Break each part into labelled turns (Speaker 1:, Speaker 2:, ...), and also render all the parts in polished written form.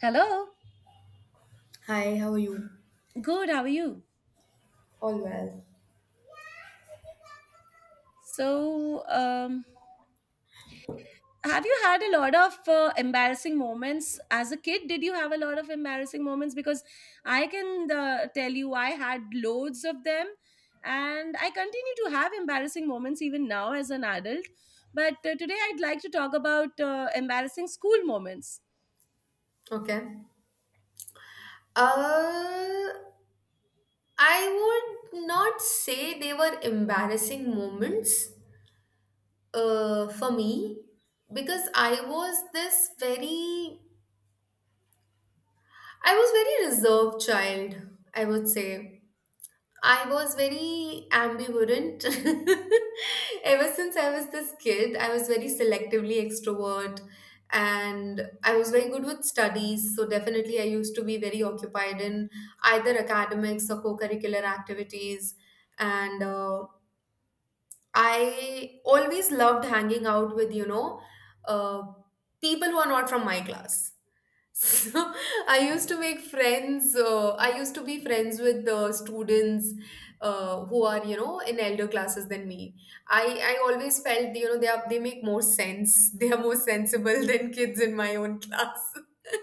Speaker 1: Hello.
Speaker 2: Hi, how are you?
Speaker 1: Good. How are you?
Speaker 2: All well.
Speaker 1: So, have you had a lot of embarrassing moments as a kid? Did you have a lot of embarrassing moments? Because I can tell you, I had loads of them, and I continue to have embarrassing moments even now as an adult. But today, I'd like to talk about embarrassing school moments.
Speaker 2: Okay. Uh, I would not say they were embarrassing moments for me because I was very reserved child, I would say. I was very ambivalent. Ever since I was this kid, I was very selectively extrovert and I was very good with studies. So, definitely, I used to be very occupied in either academics or co curricular activities. And I always loved hanging out with, you know, uh, people who are not from my class so I used to make friends. I used to be friends with the students who are, you know, in elder classes than me. I I always felt, you know, they make more sense. They are more sensible than kids in my own class.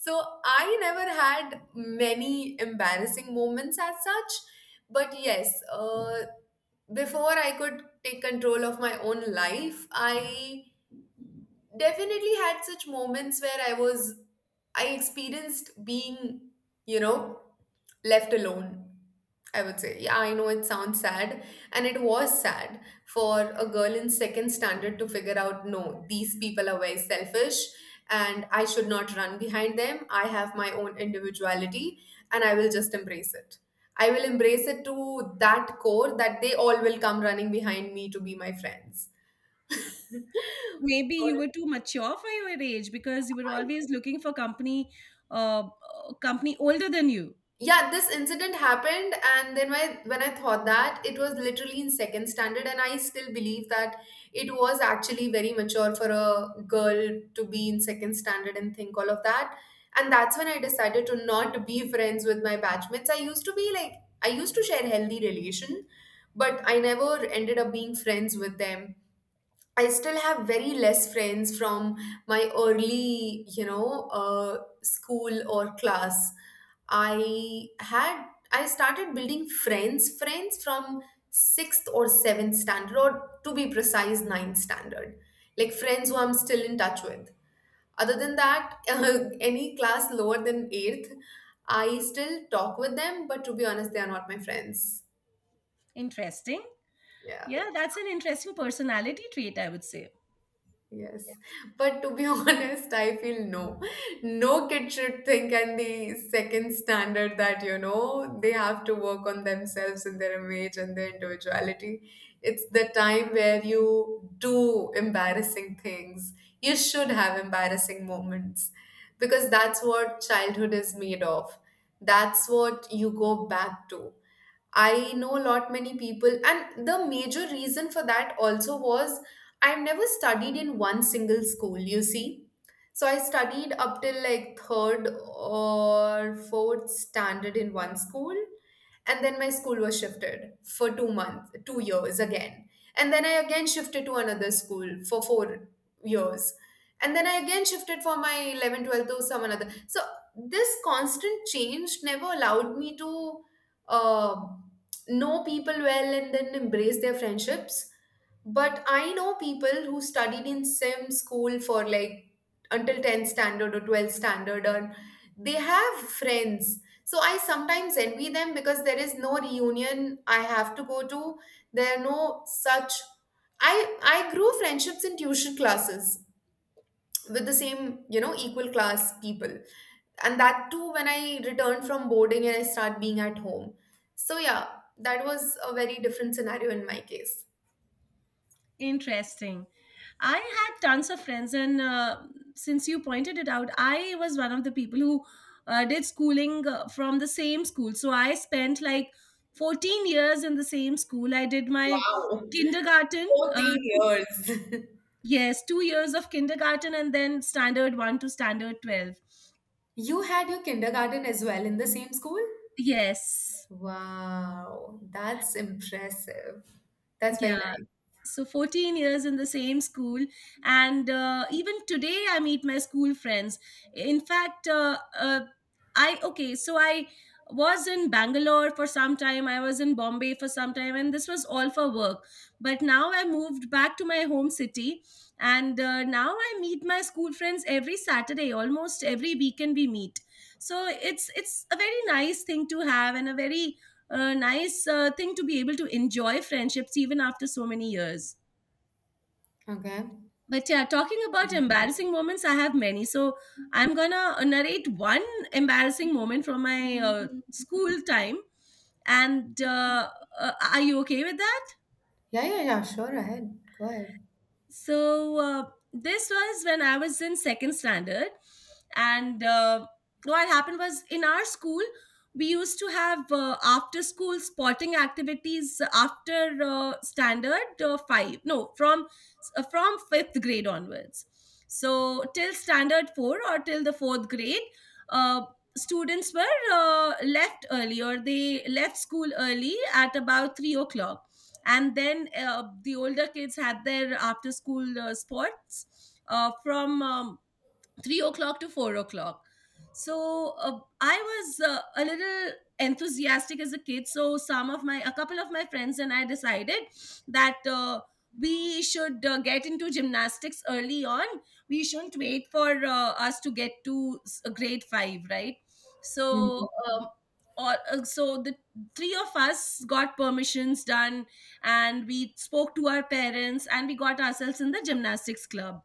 Speaker 2: So I never had many embarrassing moments as such. But yes, before I could take control of my own life, I definitely had such moments where I experienced being, you know, left alone. I would say, yeah, I know it sounds sad, and it was sad for a girl in second standard to figure out no, these people are very selfish, and I should not run behind them. I have my own individuality, and I will just embrace it. I will embrace it to that core that they all will come running behind me to be my friends.
Speaker 1: Maybe you
Speaker 2: Well,
Speaker 1: were too mature for your age because you were always looking for company, uh company older than you.
Speaker 2: yeah, this incident happened and then when I thought that it was literally in second standard, and I still believe that it was actually very mature for a girl to be in second standard and think all of that, and that's when I decided to not be friends with my batchmates. I used to share healthy relation, but I never ended up being friends with them. I still have very less friends from my early, you know, school or class. I started building friends from sixth or seventh standard, or to be precise, ninth standard. Like friends who I'm still in touch with. Other than that, any class lower than eighth, I still talk with them, but to be honest, they are not my friends.
Speaker 1: Interesting.
Speaker 2: Yeah.
Speaker 1: Yeah, that's an interesting personality trait, I would say.
Speaker 2: Yes, but to be honest, I feel no. No kid should think and the second standard that, you know, they have to work on themselves and their image and their individuality. It's the time where you do embarrassing things. You should have embarrassing moments because that's what childhood is made of. That's what you go back to. I know a lot many people, and the major reason for that also was I've never studied in one single school, you see. So I studied up till like third or fourth standard in one school, and then my school was shifted for 2 years again, and then I again shifted to another school for 4 years, and then I again shifted for my 11 12th to some another. So this constant change never allowed me to uh, know people well and then embrace their friendships. But I know people who studied in same school for like until 10th standard or 12th standard, and they have friends. So I sometimes envy them because there is no reunion I have to go to. There are no such I grew friendships in tuition classes with the same, you know, equal class people. And that too when I returned from boarding and I start being at home. So yeah, that was a very different scenario in my case.
Speaker 1: Interesting. I had tons of friends, and since you pointed it out, I was one of the people who did schooling from the same school. So I spent like 14 years in the same school. I did my
Speaker 2: Wow.
Speaker 1: kindergarten, uh,
Speaker 2: 14
Speaker 1: two,
Speaker 2: years.
Speaker 1: yes, 2 years of kindergarten, and then standard one to standard 12.
Speaker 2: You had your kindergarten as well in the same school?
Speaker 1: Yes.
Speaker 2: Wow, that's impressive. That's very
Speaker 1: Yeah.
Speaker 2: nice.
Speaker 1: So 14 years in the same school, and even today I meet my school friends. In fact, I okay so I was in Bangalore for some time, I was in Bombay for some time, and this was all for work, but now I moved back to my home city. And now I meet my school friends every Saturday, almost every weekend we meet. So it's a very nice thing to have, and a very a nice thing to be able to enjoy friendships even after so many years.
Speaker 2: Okay.
Speaker 1: But yeah, talking about embarrassing moments, I have many. So I'm gonna narrate one embarrassing moment from my school time. And are you okay with that?
Speaker 2: Yeah, yeah, yeah. Sure. Ahead. Go ahead.
Speaker 1: So this was when I was in second standard. And what happened was, in our school we used to have after school sporting activities after uh, standard uh, 5 no from from 5th grade onwards. So till standard 4, or till the 4th grade, uh, students were left early, or they left school early at about 3 o'clock, and then the older kids had their after school sports from 3 o'clock to 4 o'clock. So I was a little enthusiastic as a kid. So some of my, a couple of my friends and I decided that we should get into gymnastics early on. We shouldn't wait for us to get to grade five, right? So,
Speaker 2: Mhm.
Speaker 1: um, so the three of us got permissions done, and we spoke to our parents, and we got ourselves in the gymnastics club.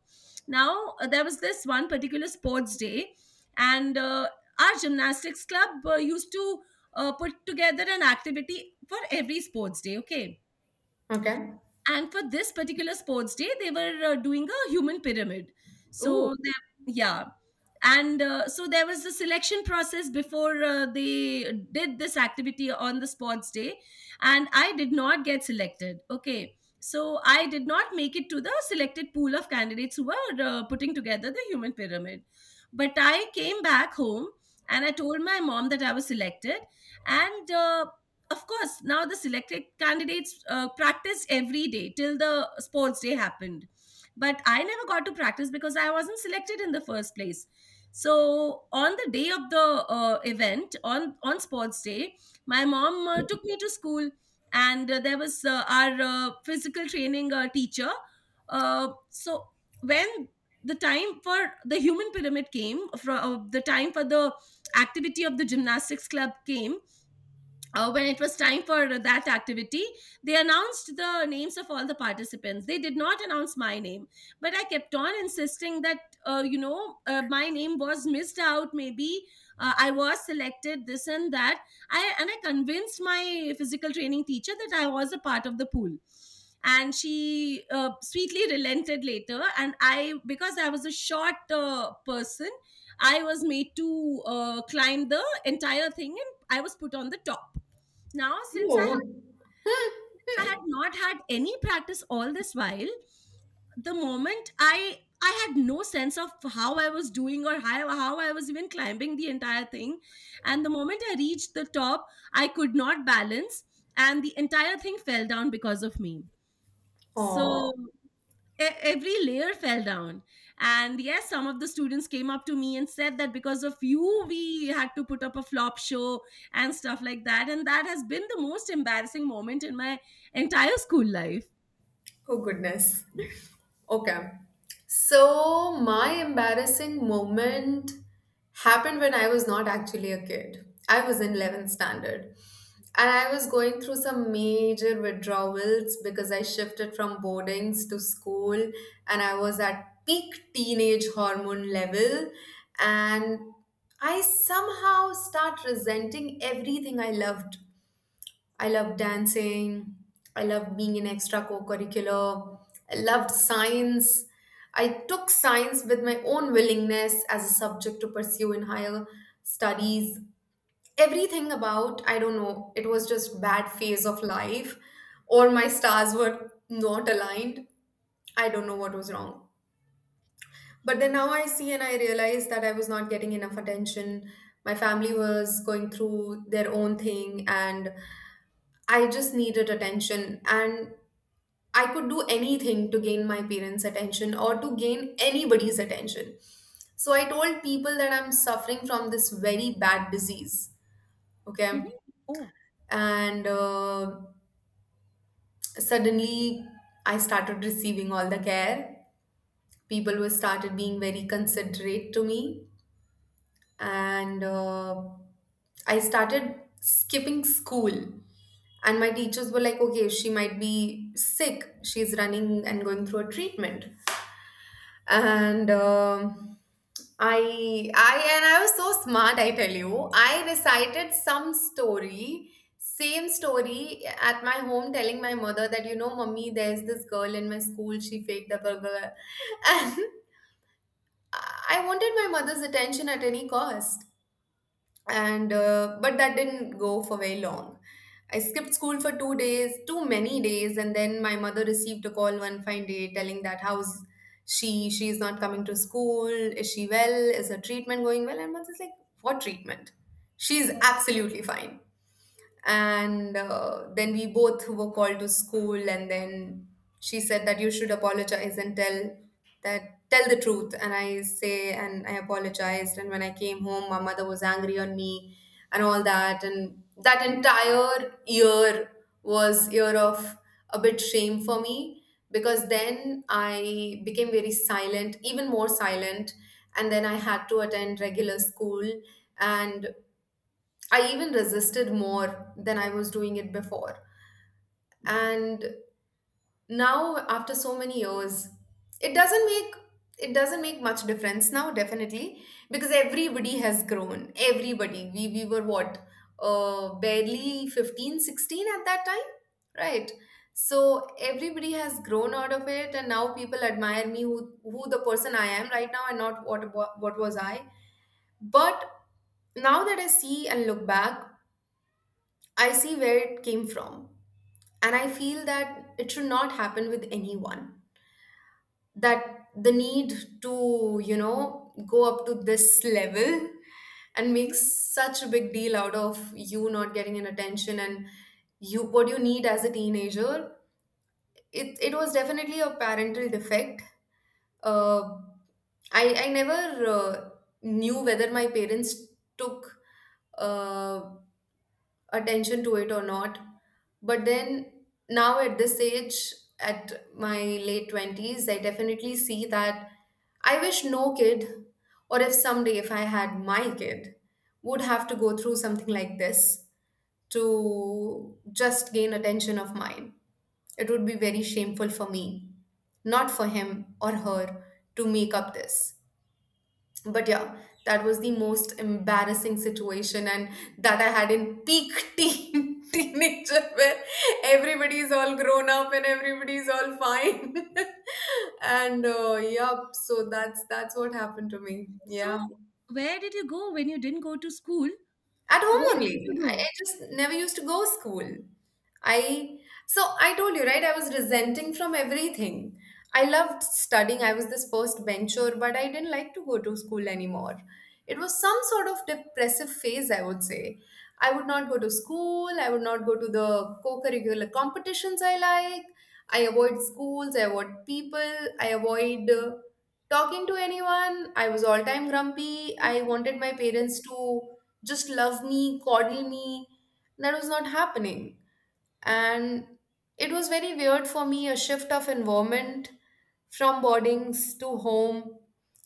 Speaker 1: Now, there was this one particular sports day, and our gymnastics club used to put together an activity for every sports day, okay?
Speaker 2: Okay.
Speaker 1: And for this particular sports day they were doing a human pyramid.
Speaker 2: Ooh.
Speaker 1: So there, yeah. And so there was a selection process before they did this activity on the sports day, and I did not get selected. Okay, so I did not make it to the selected pool of candidates who were putting together the human pyramid. But I came back home and I told my mom that I was selected. And of course, now the selected candidates practiced every day till the sports day happened, but I never got to practice because I wasn't selected in the first place. So on the day of the event, on sports day, my mom took me to school. And there was our physical training teacher. Uh, so when the time for the human pyramid came, from the time for the activity of the gymnastics club came, when it was time for that activity, they announced the names of all the participants. They did not announce my name, but I kept on insisting that, my name was missed out. Maybe I was selected, this and that. I convinced my physical training teacher that I was a part of the pool, and she sweetly relented later. And I, because I was a short person, I was made to climb the entire thing, and I was put on the top. Now, since
Speaker 2: Ooh.
Speaker 1: I had not had any practice all this while, the moment I had no sense of how I was doing or how I was even climbing the entire thing, and the moment I reached the top, I could not balance, and the entire thing fell down because of me. So
Speaker 2: Oh.
Speaker 1: every layer fell down, and yes, some of the students came up to me and said that because of you we had to put up a flop show, and stuff like that. And that has been the most embarrassing moment in my entire school life.
Speaker 2: Oh goodness. Okay. So my embarrassing moment happened when I was not actually a kid. I was in 11th standard. And I was going through some major withdrawals because I shifted from boardings to school and I was at peak teenage hormone level. And I somehow start resenting everything I loved dancing. I loved being in extra co-curricular. I loved science. I took science with my own willingness as a subject to pursue in higher studies. Everything about, I don't know, it was just bad phase of life or my stars were not aligned. I don't know what was wrong. But then now I see and I realize that I was not getting enough attention. My family was going through their own thing and I just needed attention and I could do anything to gain my parents' attention or to gain anybody's attention. So I told people that I'm suffering from this very bad disease. Okay.
Speaker 1: Mhm. Oh,
Speaker 2: And suddenly I started receiving all the care. People were started being very considerate to me and I started skipping school. And my teachers were like, okay, she might be sick. She's running and going through a treatment. And and I was so smart, I tell you. I recited same story at my home, telling my mother that, you know, mummy, there's this girl in my school. She faked the burger. And I wanted my mother's attention at any cost, and but that didn't go for very long. I skipped school for two days too many days, and then my mother received a call one fine day telling that how's she's not coming to school, is she well, is her treatment going well? And mother's like, what treatment? She's absolutely fine. And then we both were called to school, and then she said that you should apologize and tell that tell the truth. And I apologized, and when I came home my mother was angry on me and all that. And that entire year was year of a bit shame for me, because then I became very silent, even more silent, and then I had to attend regular school, and I even resisted more than I was doing it before. And now after so many years, it doesn't make it doesn't make much difference now, definitely, because everybody has grown. Everybody. We were what? Barely 15, 16 at that time, right? So everybody has grown out of it, and now people admire me who the person I am right now and not what was I. But now that I see and look back, I see where it came from, and I feel that it should not happen with anyone. That the need to, you know, go up to this level and make
Speaker 1: mhm.
Speaker 2: such a big deal out of you not getting an attention and you what you need as a teenager. It was definitely a parental defect. Uh, I never knew whether my parents took uh, attention to it or not. But then now at this age, at my late 20s, I definitely see that I wish no kid, or if someday if I had my kid, would have to go through something like this to just gain attention of mine. It would be very shameful for me, not for him or her, to make up this, but yeah, that was the most embarrassing situation, and that I had in peak teen teenager where everybody's all grown up and everybody's all fine. And yeah, so that's what happened to me.
Speaker 1: So
Speaker 2: Yeah,
Speaker 1: where did you go when you didn't go to school?
Speaker 2: at home
Speaker 1: Where would
Speaker 2: only.
Speaker 1: you go?
Speaker 2: I just never used to go school. I So I told you, right? I was resenting from everything. I loved studying. I was this first bencher, but I didn't like to go to school anymore. It was some sort of depressive phase, I would say. I would not go to school. I would not go to the co-curricular competitions I like. I avoid schools. I avoid people. I avoid talking to anyone. I was all time grumpy. I wanted my parents to just love me, coddle me. That was not happening. And it was very weird for me a shift of environment from boardings to home.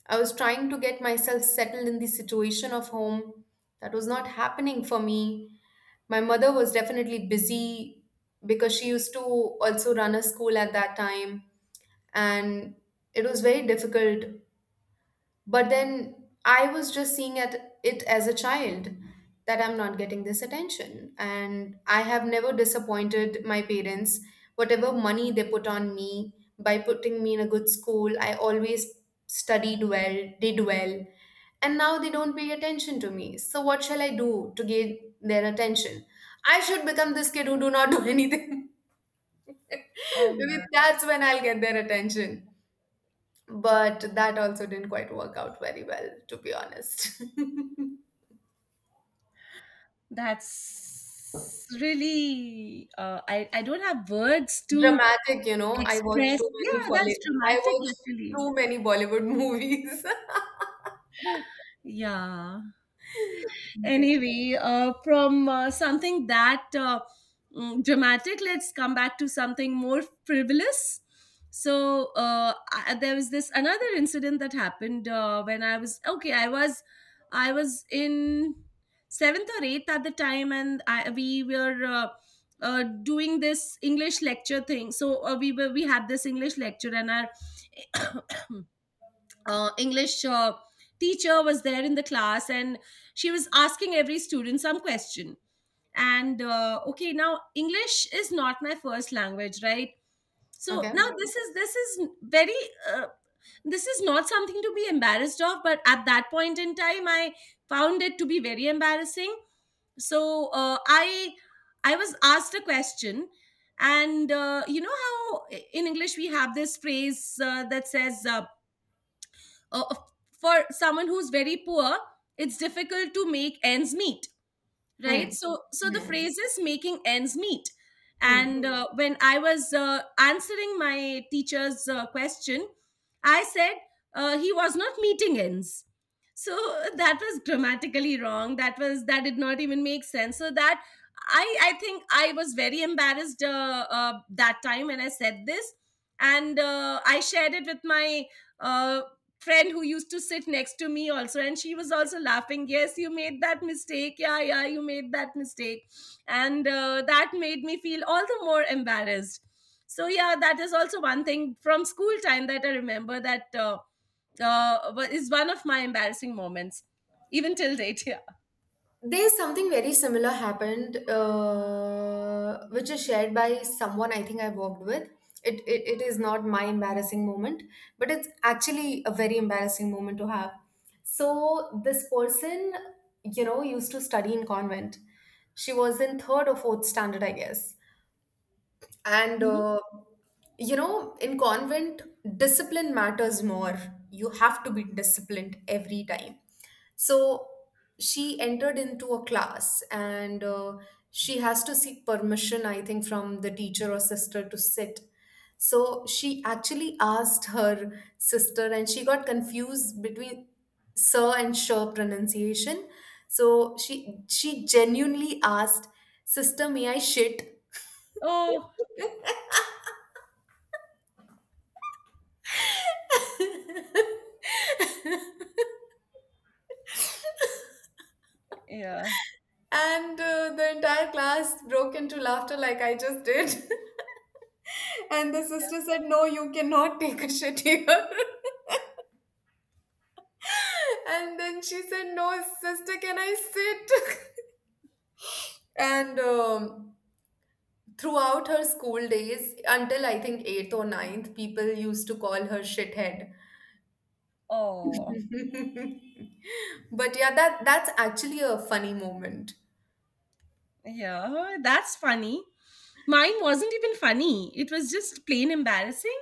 Speaker 2: I was trying to get myself settled in the situation of home. That was not happening for me. My mother was definitely busy because she used to also run a school at that time. And it was very difficult, but then I was just seeing at it as a child that I'm not getting this attention. And I have never disappointed my parents. Whatever money they put on me by putting me in a good school, I always studied well, did well, and now they don't pay attention to me. So what shall I do to gain their attention? I should become this kid who do not do anything. Because that's when I'll get their attention. But that also didn't quite work out very well, to be honest.
Speaker 1: That's really. I don't have words to
Speaker 2: Dramatic, you know.
Speaker 1: express. Yeah, that's
Speaker 2: I
Speaker 1: dramatic
Speaker 2: watched
Speaker 1: actually.
Speaker 2: too many Bollywood movies.
Speaker 1: Yeah. Anyway, from something that dramatic, let's come back to something more frivolous. So there was this another incident that happened when I was okay I was I was in seventh or eighth at the time. And we were doing this English lecture thing. So we had this English lecture, and our English teacher was there in the class, and she was asking every student some question. And okay, now English is not my first language, right? So
Speaker 2: Okay.
Speaker 1: now this is very uh, this is not something to be embarrassed of. But at that point in time, I found it to be very embarrassing. So I was asked a question. And you know how in English we have this phrase that says, uh, uh, for someone who's very poor, it's difficult to make ends meet, right?
Speaker 2: Hmm.
Speaker 1: So so the
Speaker 2: Hmm.
Speaker 1: phrase is making ends meet.
Speaker 2: Hmm.
Speaker 1: And when I was answering my teacher's question, I said, he was not meeting ends. So that was grammatically wrong, that was that did not even make sense. So that I think I was very embarrassed that time when I said this. And I shared it with my uh, friend who used to sit next to me also, and she was also laughing, yes, you made that mistake, yeah, yeah, you made that mistake. And that made me feel all the more embarrassed. So yeah, that is also one thing from school time that I remember, that is one of my embarrassing moments even till date. Yeah.
Speaker 2: There's something very similar happened, which is shared by someone I think I worked with. It is not my embarrassing moment, but it's actually a very embarrassing moment to have. So this person, you know, used to study in convent. She was in third or fourth standard, I guess. And
Speaker 1: Mhm.
Speaker 2: You know, in convent, discipline matters more. You have to be disciplined every time. So she entered into a class and, she has to seek permission, I think, from the teacher or sister to sit. So she actually asked her sister, and she got confused between sir and sure pronunciation. So she genuinely asked, "Sister, may I shit?"
Speaker 1: Oh, yeah.
Speaker 2: and the entire class broke into laughter like I just did. And the sister said, "No, you cannot take a shit here." And then she said, "No, sister, can I sit?" and Throughout her school days, until I think eighth or ninth, people used to call her shithead.
Speaker 1: Oh,
Speaker 2: But yeah, that's actually a funny moment.
Speaker 1: yeah, that's funny. Mine wasn't even funny. It was just plain embarrassing.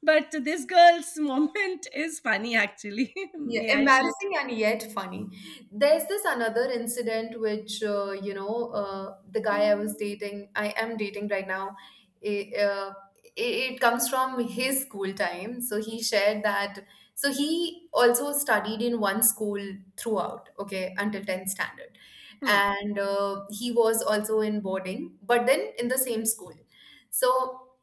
Speaker 1: But this girl's moment is funny, actually.
Speaker 2: Yeah,
Speaker 1: May I share it?
Speaker 2: embarrassing and yet funny. There's this another incident which, you know, the guy I was dating, I am dating right now. It, uh, it comes from his school time. So he shared that. So he also studied in one school throughout, okay, until 10th standard,
Speaker 1: Hmm.
Speaker 2: and he was also in boarding, but then in the same school. So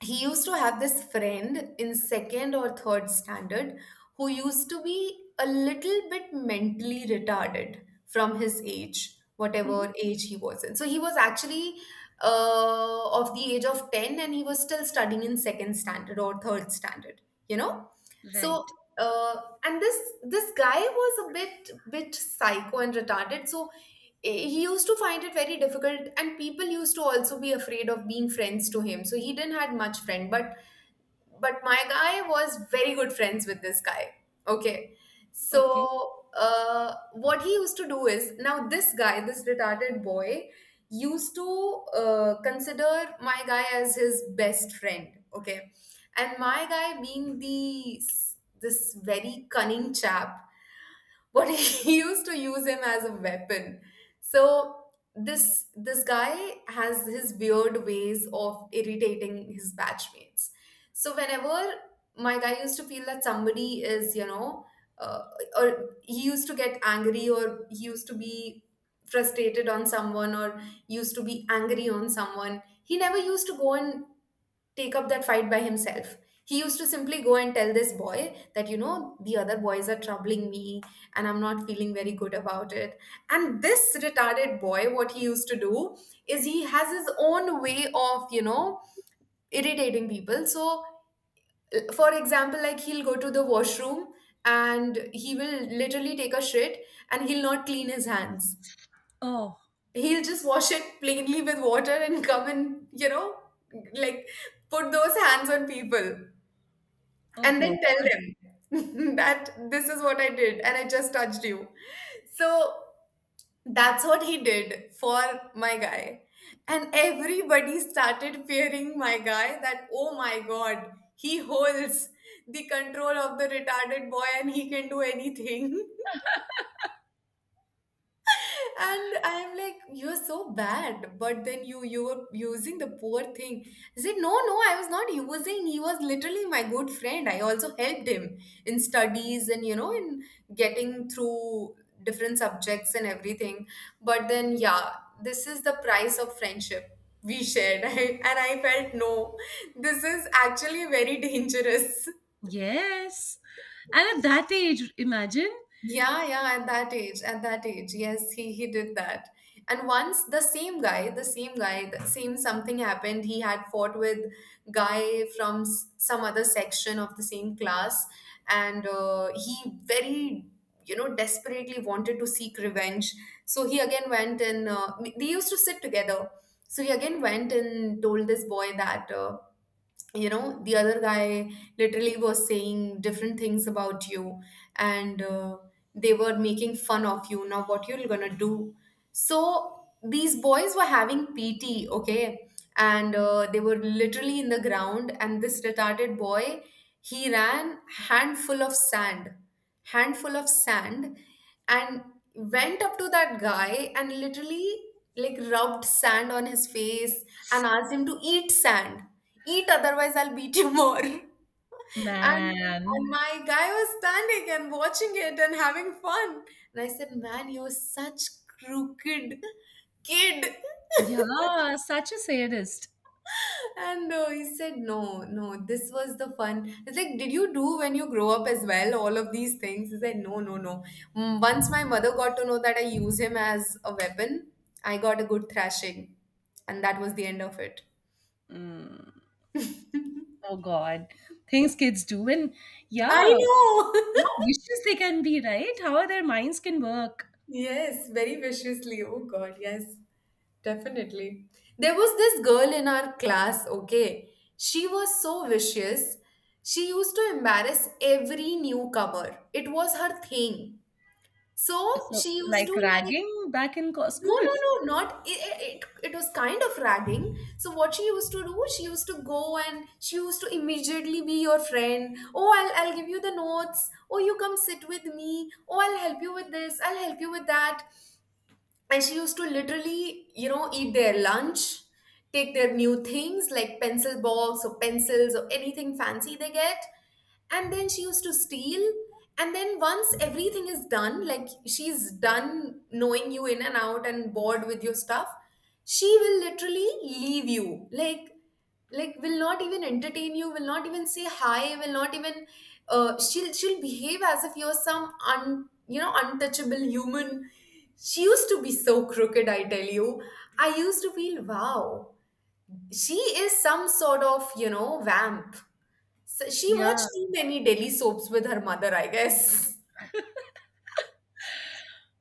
Speaker 2: he used to have this friend in second or third standard who used to be a little bit mentally retarded from his age,
Speaker 1: Mhm.
Speaker 2: whatever age he was in. So he was actually of the age of 10 and he was still studying in second standard or third standard, you know? So,
Speaker 1: Right.
Speaker 2: and this guy was a bit psycho and retarded. So, eh, he used to find it very difficult and people used to also be afraid of being friends to him, so he didn't had much friend, but my guy was very good friends with this guy. Okay.
Speaker 1: Okay.
Speaker 2: So what he used to do is, now this guy, this retarded boy used to consider my guy as his best friend. Okay. And my guy, being the this very cunning chap but he used to use him as a weapon. So this guy has his weird ways of irritating his batchmates. So whenever my guy used to feel that somebody is, you know, uh, or he used to get angry or he used to be frustrated on someone or used to be angry on someone, he never used to go and take up that fight by himself. He used to simply go and tell this boy that, you know, the other boys are troubling me and I'm not feeling very good about it. And this retarded boy, what he used to do is, he has his own way of, you know, irritating people. So, for example, like he'll go to the washroom and he will literally take a shit and he'll not clean his hands.
Speaker 1: Oh,
Speaker 2: He'll just wash it plainly with water and come and, you know, like put those hands on people
Speaker 1: oh
Speaker 2: and
Speaker 1: God.
Speaker 2: then tell them that this is what I did and I just touched you. So that's what he did for my guy. And everybody started fearing my guy that, oh my god, he holds the control of the retarded boy and he can do anything. And I'm like, you're so bad. But then you were using the poor thing. I said, no, no, I was not using. He was literally my good friend. I also helped him in studies and, you know, in getting through different subjects and everything. But then yeah, this is the price of friendship we shared, and I felt, no, this is actually very dangerous.
Speaker 1: Yes. And at that age, imagine.
Speaker 2: Yeah, yeah, at that age, yes, he did that. And once the same guy, the same guy, the same something happened. He had fought with guy from some other section of the same class, and he very, you know, desperately wanted to seek revenge. So he again went and, they used to sit together. So he again went and told this boy that. You know, the other guy literally was saying different things about you, and they were making fun of you. Now what you're gonna do? So these boys were having PT, okay, and they were literally in the ground, and this retarded boy, he ran, handful of sand, handful of sand, and went up to that guy and literally like rubbed sand on his face and asked him to eat sand, eat otherwise I'll beat you more. and and
Speaker 1: Man.
Speaker 2: my guy was standing and watching it and having fun. And I said, man, you're such crooked kid.
Speaker 1: Yeah, such a sadist.
Speaker 2: And he said, no no, this was the fun. It's like, did you do when you grow up as well all of these things? He said, no no no. Once my mother got to know that I use him as a weapon, I got a good thrashing, and that was the end of it.
Speaker 1: Mm. Oh God. Things kids do. And yeah,
Speaker 2: I
Speaker 1: how
Speaker 2: know.
Speaker 1: vicious they can be, right? How their minds can work.
Speaker 2: Yes, very viciously. Oh God, yes, definitely. There was this girl in our class, okay? She was so vicious. She used to embarrass every newcomer. It was her thing. So
Speaker 1: So,
Speaker 2: she used
Speaker 1: like
Speaker 2: to like,
Speaker 1: ragging back in
Speaker 2: no,
Speaker 1: school.
Speaker 2: no, no, not it, it was kind of ragging. So what she used to do, she used to go and she used to immediately be your friend. Oh, I'll give you the notes. Oh, you come sit with me. Oh, I'll help you with this. I'll help you with that. And she used to literally, you know, eat their lunch, take their new things like pencil box or pencils or anything fancy they get, and then she used to steal. And then once everything is done, like she's done knowing you in and out and bored with your stuff, she will literally leave you, like will not even entertain you, will not even say hi, will not even, she'll behave as if you're some un, you know, untouchable human. She used to be so crooked, I tell you. I used to feel, wow, she is some sort of, you know, vamp. So she
Speaker 1: Yeah,
Speaker 2: watched too many daily soaps with her mother, I guess.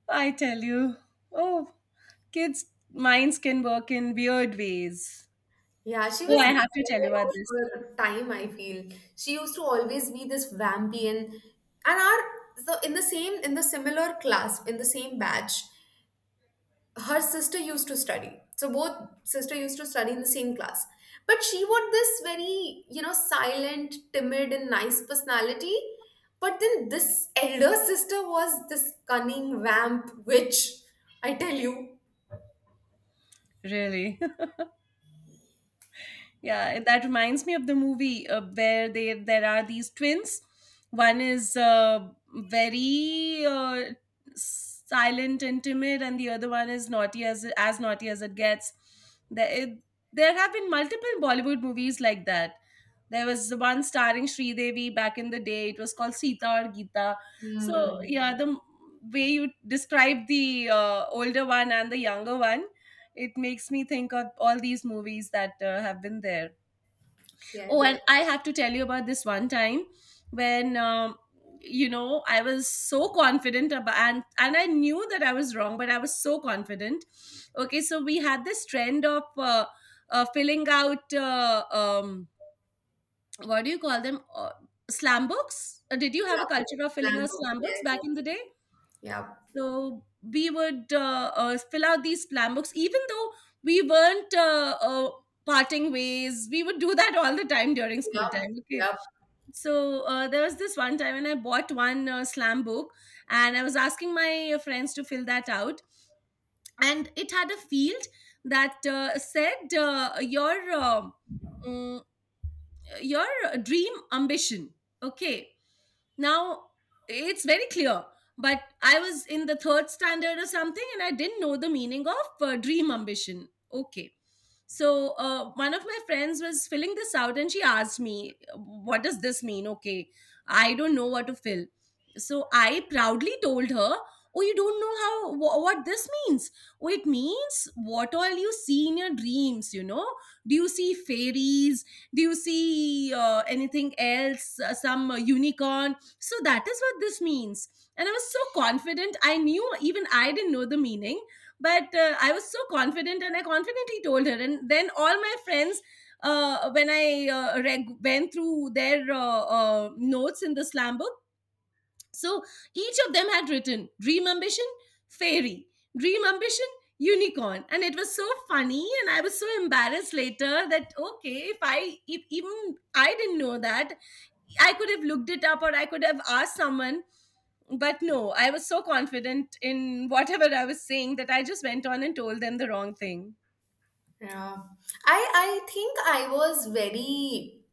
Speaker 1: I tell you. Oh, kids' minds can work in weird ways.
Speaker 2: Yeah, she
Speaker 1: Oh,
Speaker 2: was
Speaker 1: I have
Speaker 2: very
Speaker 1: to tell you
Speaker 2: aware
Speaker 1: about
Speaker 2: of
Speaker 1: this.
Speaker 2: her time, I feel. She used to always be this vampy, and our, so in the same, in the similar class, in the same batch, her sister used to study. So both sister used to study in the same class. But she was this very, you know, silent, timid, and nice personality. But then this elder sister was this cunning vamp witch, I tell you.
Speaker 1: Really. Yeah, and that reminds me of the movie where they there are these twins. One is very silent and timid, and the other one is naughty as naughty as it gets. There, it, there have been multiple Bollywood movies like that. There was one starring Sridevi back in the day. It was called Sita or Gita. So
Speaker 2: Hmm.
Speaker 1: yeah, the way you describe the older one and the younger one, it makes me think of all these movies that have been there. Oh,
Speaker 2: Yes.
Speaker 1: and I have to tell you about this one time when you know, I was so confident about and I knew that I was wrong, but I was so confident. Okay, so we had this trend of filling out what do you call them, slam books. Did you have a
Speaker 2: Yeah.
Speaker 1: culture of filling out
Speaker 2: Vamp,
Speaker 1: slam books
Speaker 2: yes.
Speaker 1: back in the day?
Speaker 2: Yeah.
Speaker 1: So we would fill out these slam books, even though we weren't parting ways, we would do that all the time during school
Speaker 2: Yeah,
Speaker 1: time, okay?
Speaker 2: yeah.
Speaker 1: So there was this one time when I bought one slam book, and I was asking my friends to fill that out, and it had a field that said, your uh, mm, your dream ambition, okay? Now, it's very clear, but I was in the third standard or something, and I didn't know the meaning of dream ambition. Okay. So one of my friends was filling this out, and she asked me, what does this mean? Okay, I don't know what to fill. So I proudly told her, oh, you don't know what this means. Oh, it means what all you see in your dreams, you know. Do you see fairies? Do you see anything else? Some unicorn? So that is what this means. And I was so confident. I knew, even I didn't know the meaning, but I was so confident, and I confidently told her. And then all my friends, when I went through their notes in the slam book, so each of them had written dream ambition, fairy, dream ambition, unicorn. And it was so funny. And I was so embarrassed later that, okay, if I, if even I didn't know that, I could have looked it up, or I could have asked someone. But no, I was so confident in whatever I was saying that I just went on and told them the wrong thing.
Speaker 2: Yeah. I think I was very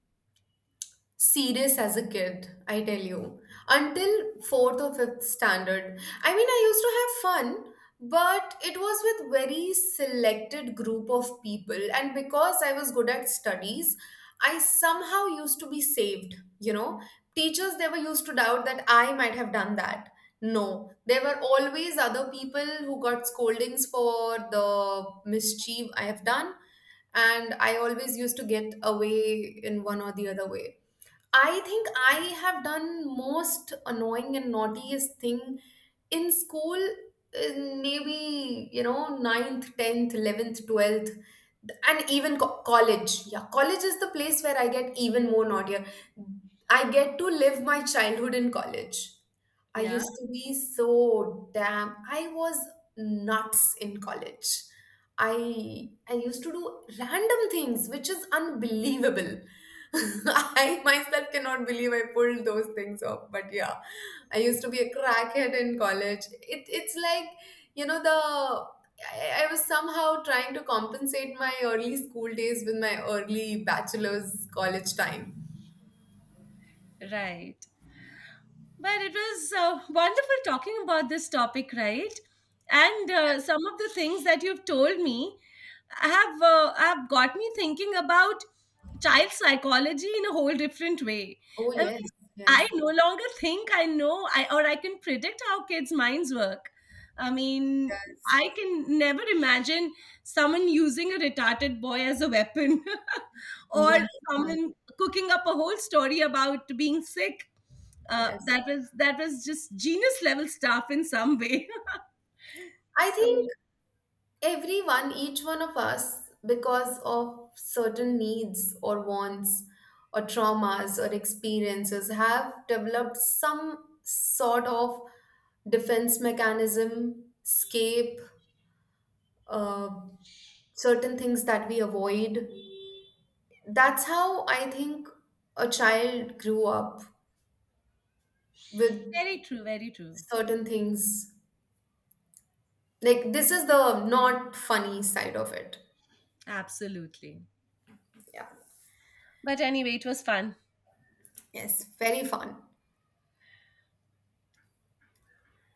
Speaker 2: serious as a kid, I tell you. Until fourth or fifth standard. I mean, I used to have fun, but it was with very selected group of people. And because I was good at studies, I somehow used to be saved, you know. Teachers, they were used to doubt that I might have done that. No, there were always other people who got scoldings for the mischief I have done, and I always used to get away in one or the other way. I think I have done most annoying and naughtiest thing in school in maybe, you know, ninth, 10th, 11th, 12th, and even college. Yeah, college is the place where I get even more naughtier. I get to live my childhood in college. I
Speaker 1: Yeah,
Speaker 2: used to be so damn. I was nuts in college. I used to do random things, which is unbelievable. I myself cannot believe I pulled those things off. But yeah, I used to be a crackhead in college. It it's like, you know, the. I was somehow trying to compensate my early school days with my early bachelor's college time.
Speaker 1: right. But it was wonderful talking about this topic, right? And some of the things that you've told me have got me thinking about child psychology in a whole different way.
Speaker 2: Oh
Speaker 1: I mean,
Speaker 2: yes,
Speaker 1: I
Speaker 2: yes,
Speaker 1: no longer think I know I or I can predict how kids' minds work. I mean, I can never imagine someone using a retarded boy as a weapon or
Speaker 2: yeah,
Speaker 1: someone cooking up a whole story about being sick.
Speaker 2: yes.
Speaker 1: That was that was just genius level stuff in some way.
Speaker 2: I think
Speaker 1: So
Speaker 2: everyone, each one of us, because of certain needs or wants or traumas or experiences have developed some sort of defense mechanism escape, uh, certain things that we avoid, that's how I think a child grew up with
Speaker 1: very true, very true.
Speaker 2: certain things. Like this is the not funny side of it.
Speaker 1: Absolutely.
Speaker 2: Yeah.
Speaker 1: But anyway, it was fun.
Speaker 2: Yes, very fun.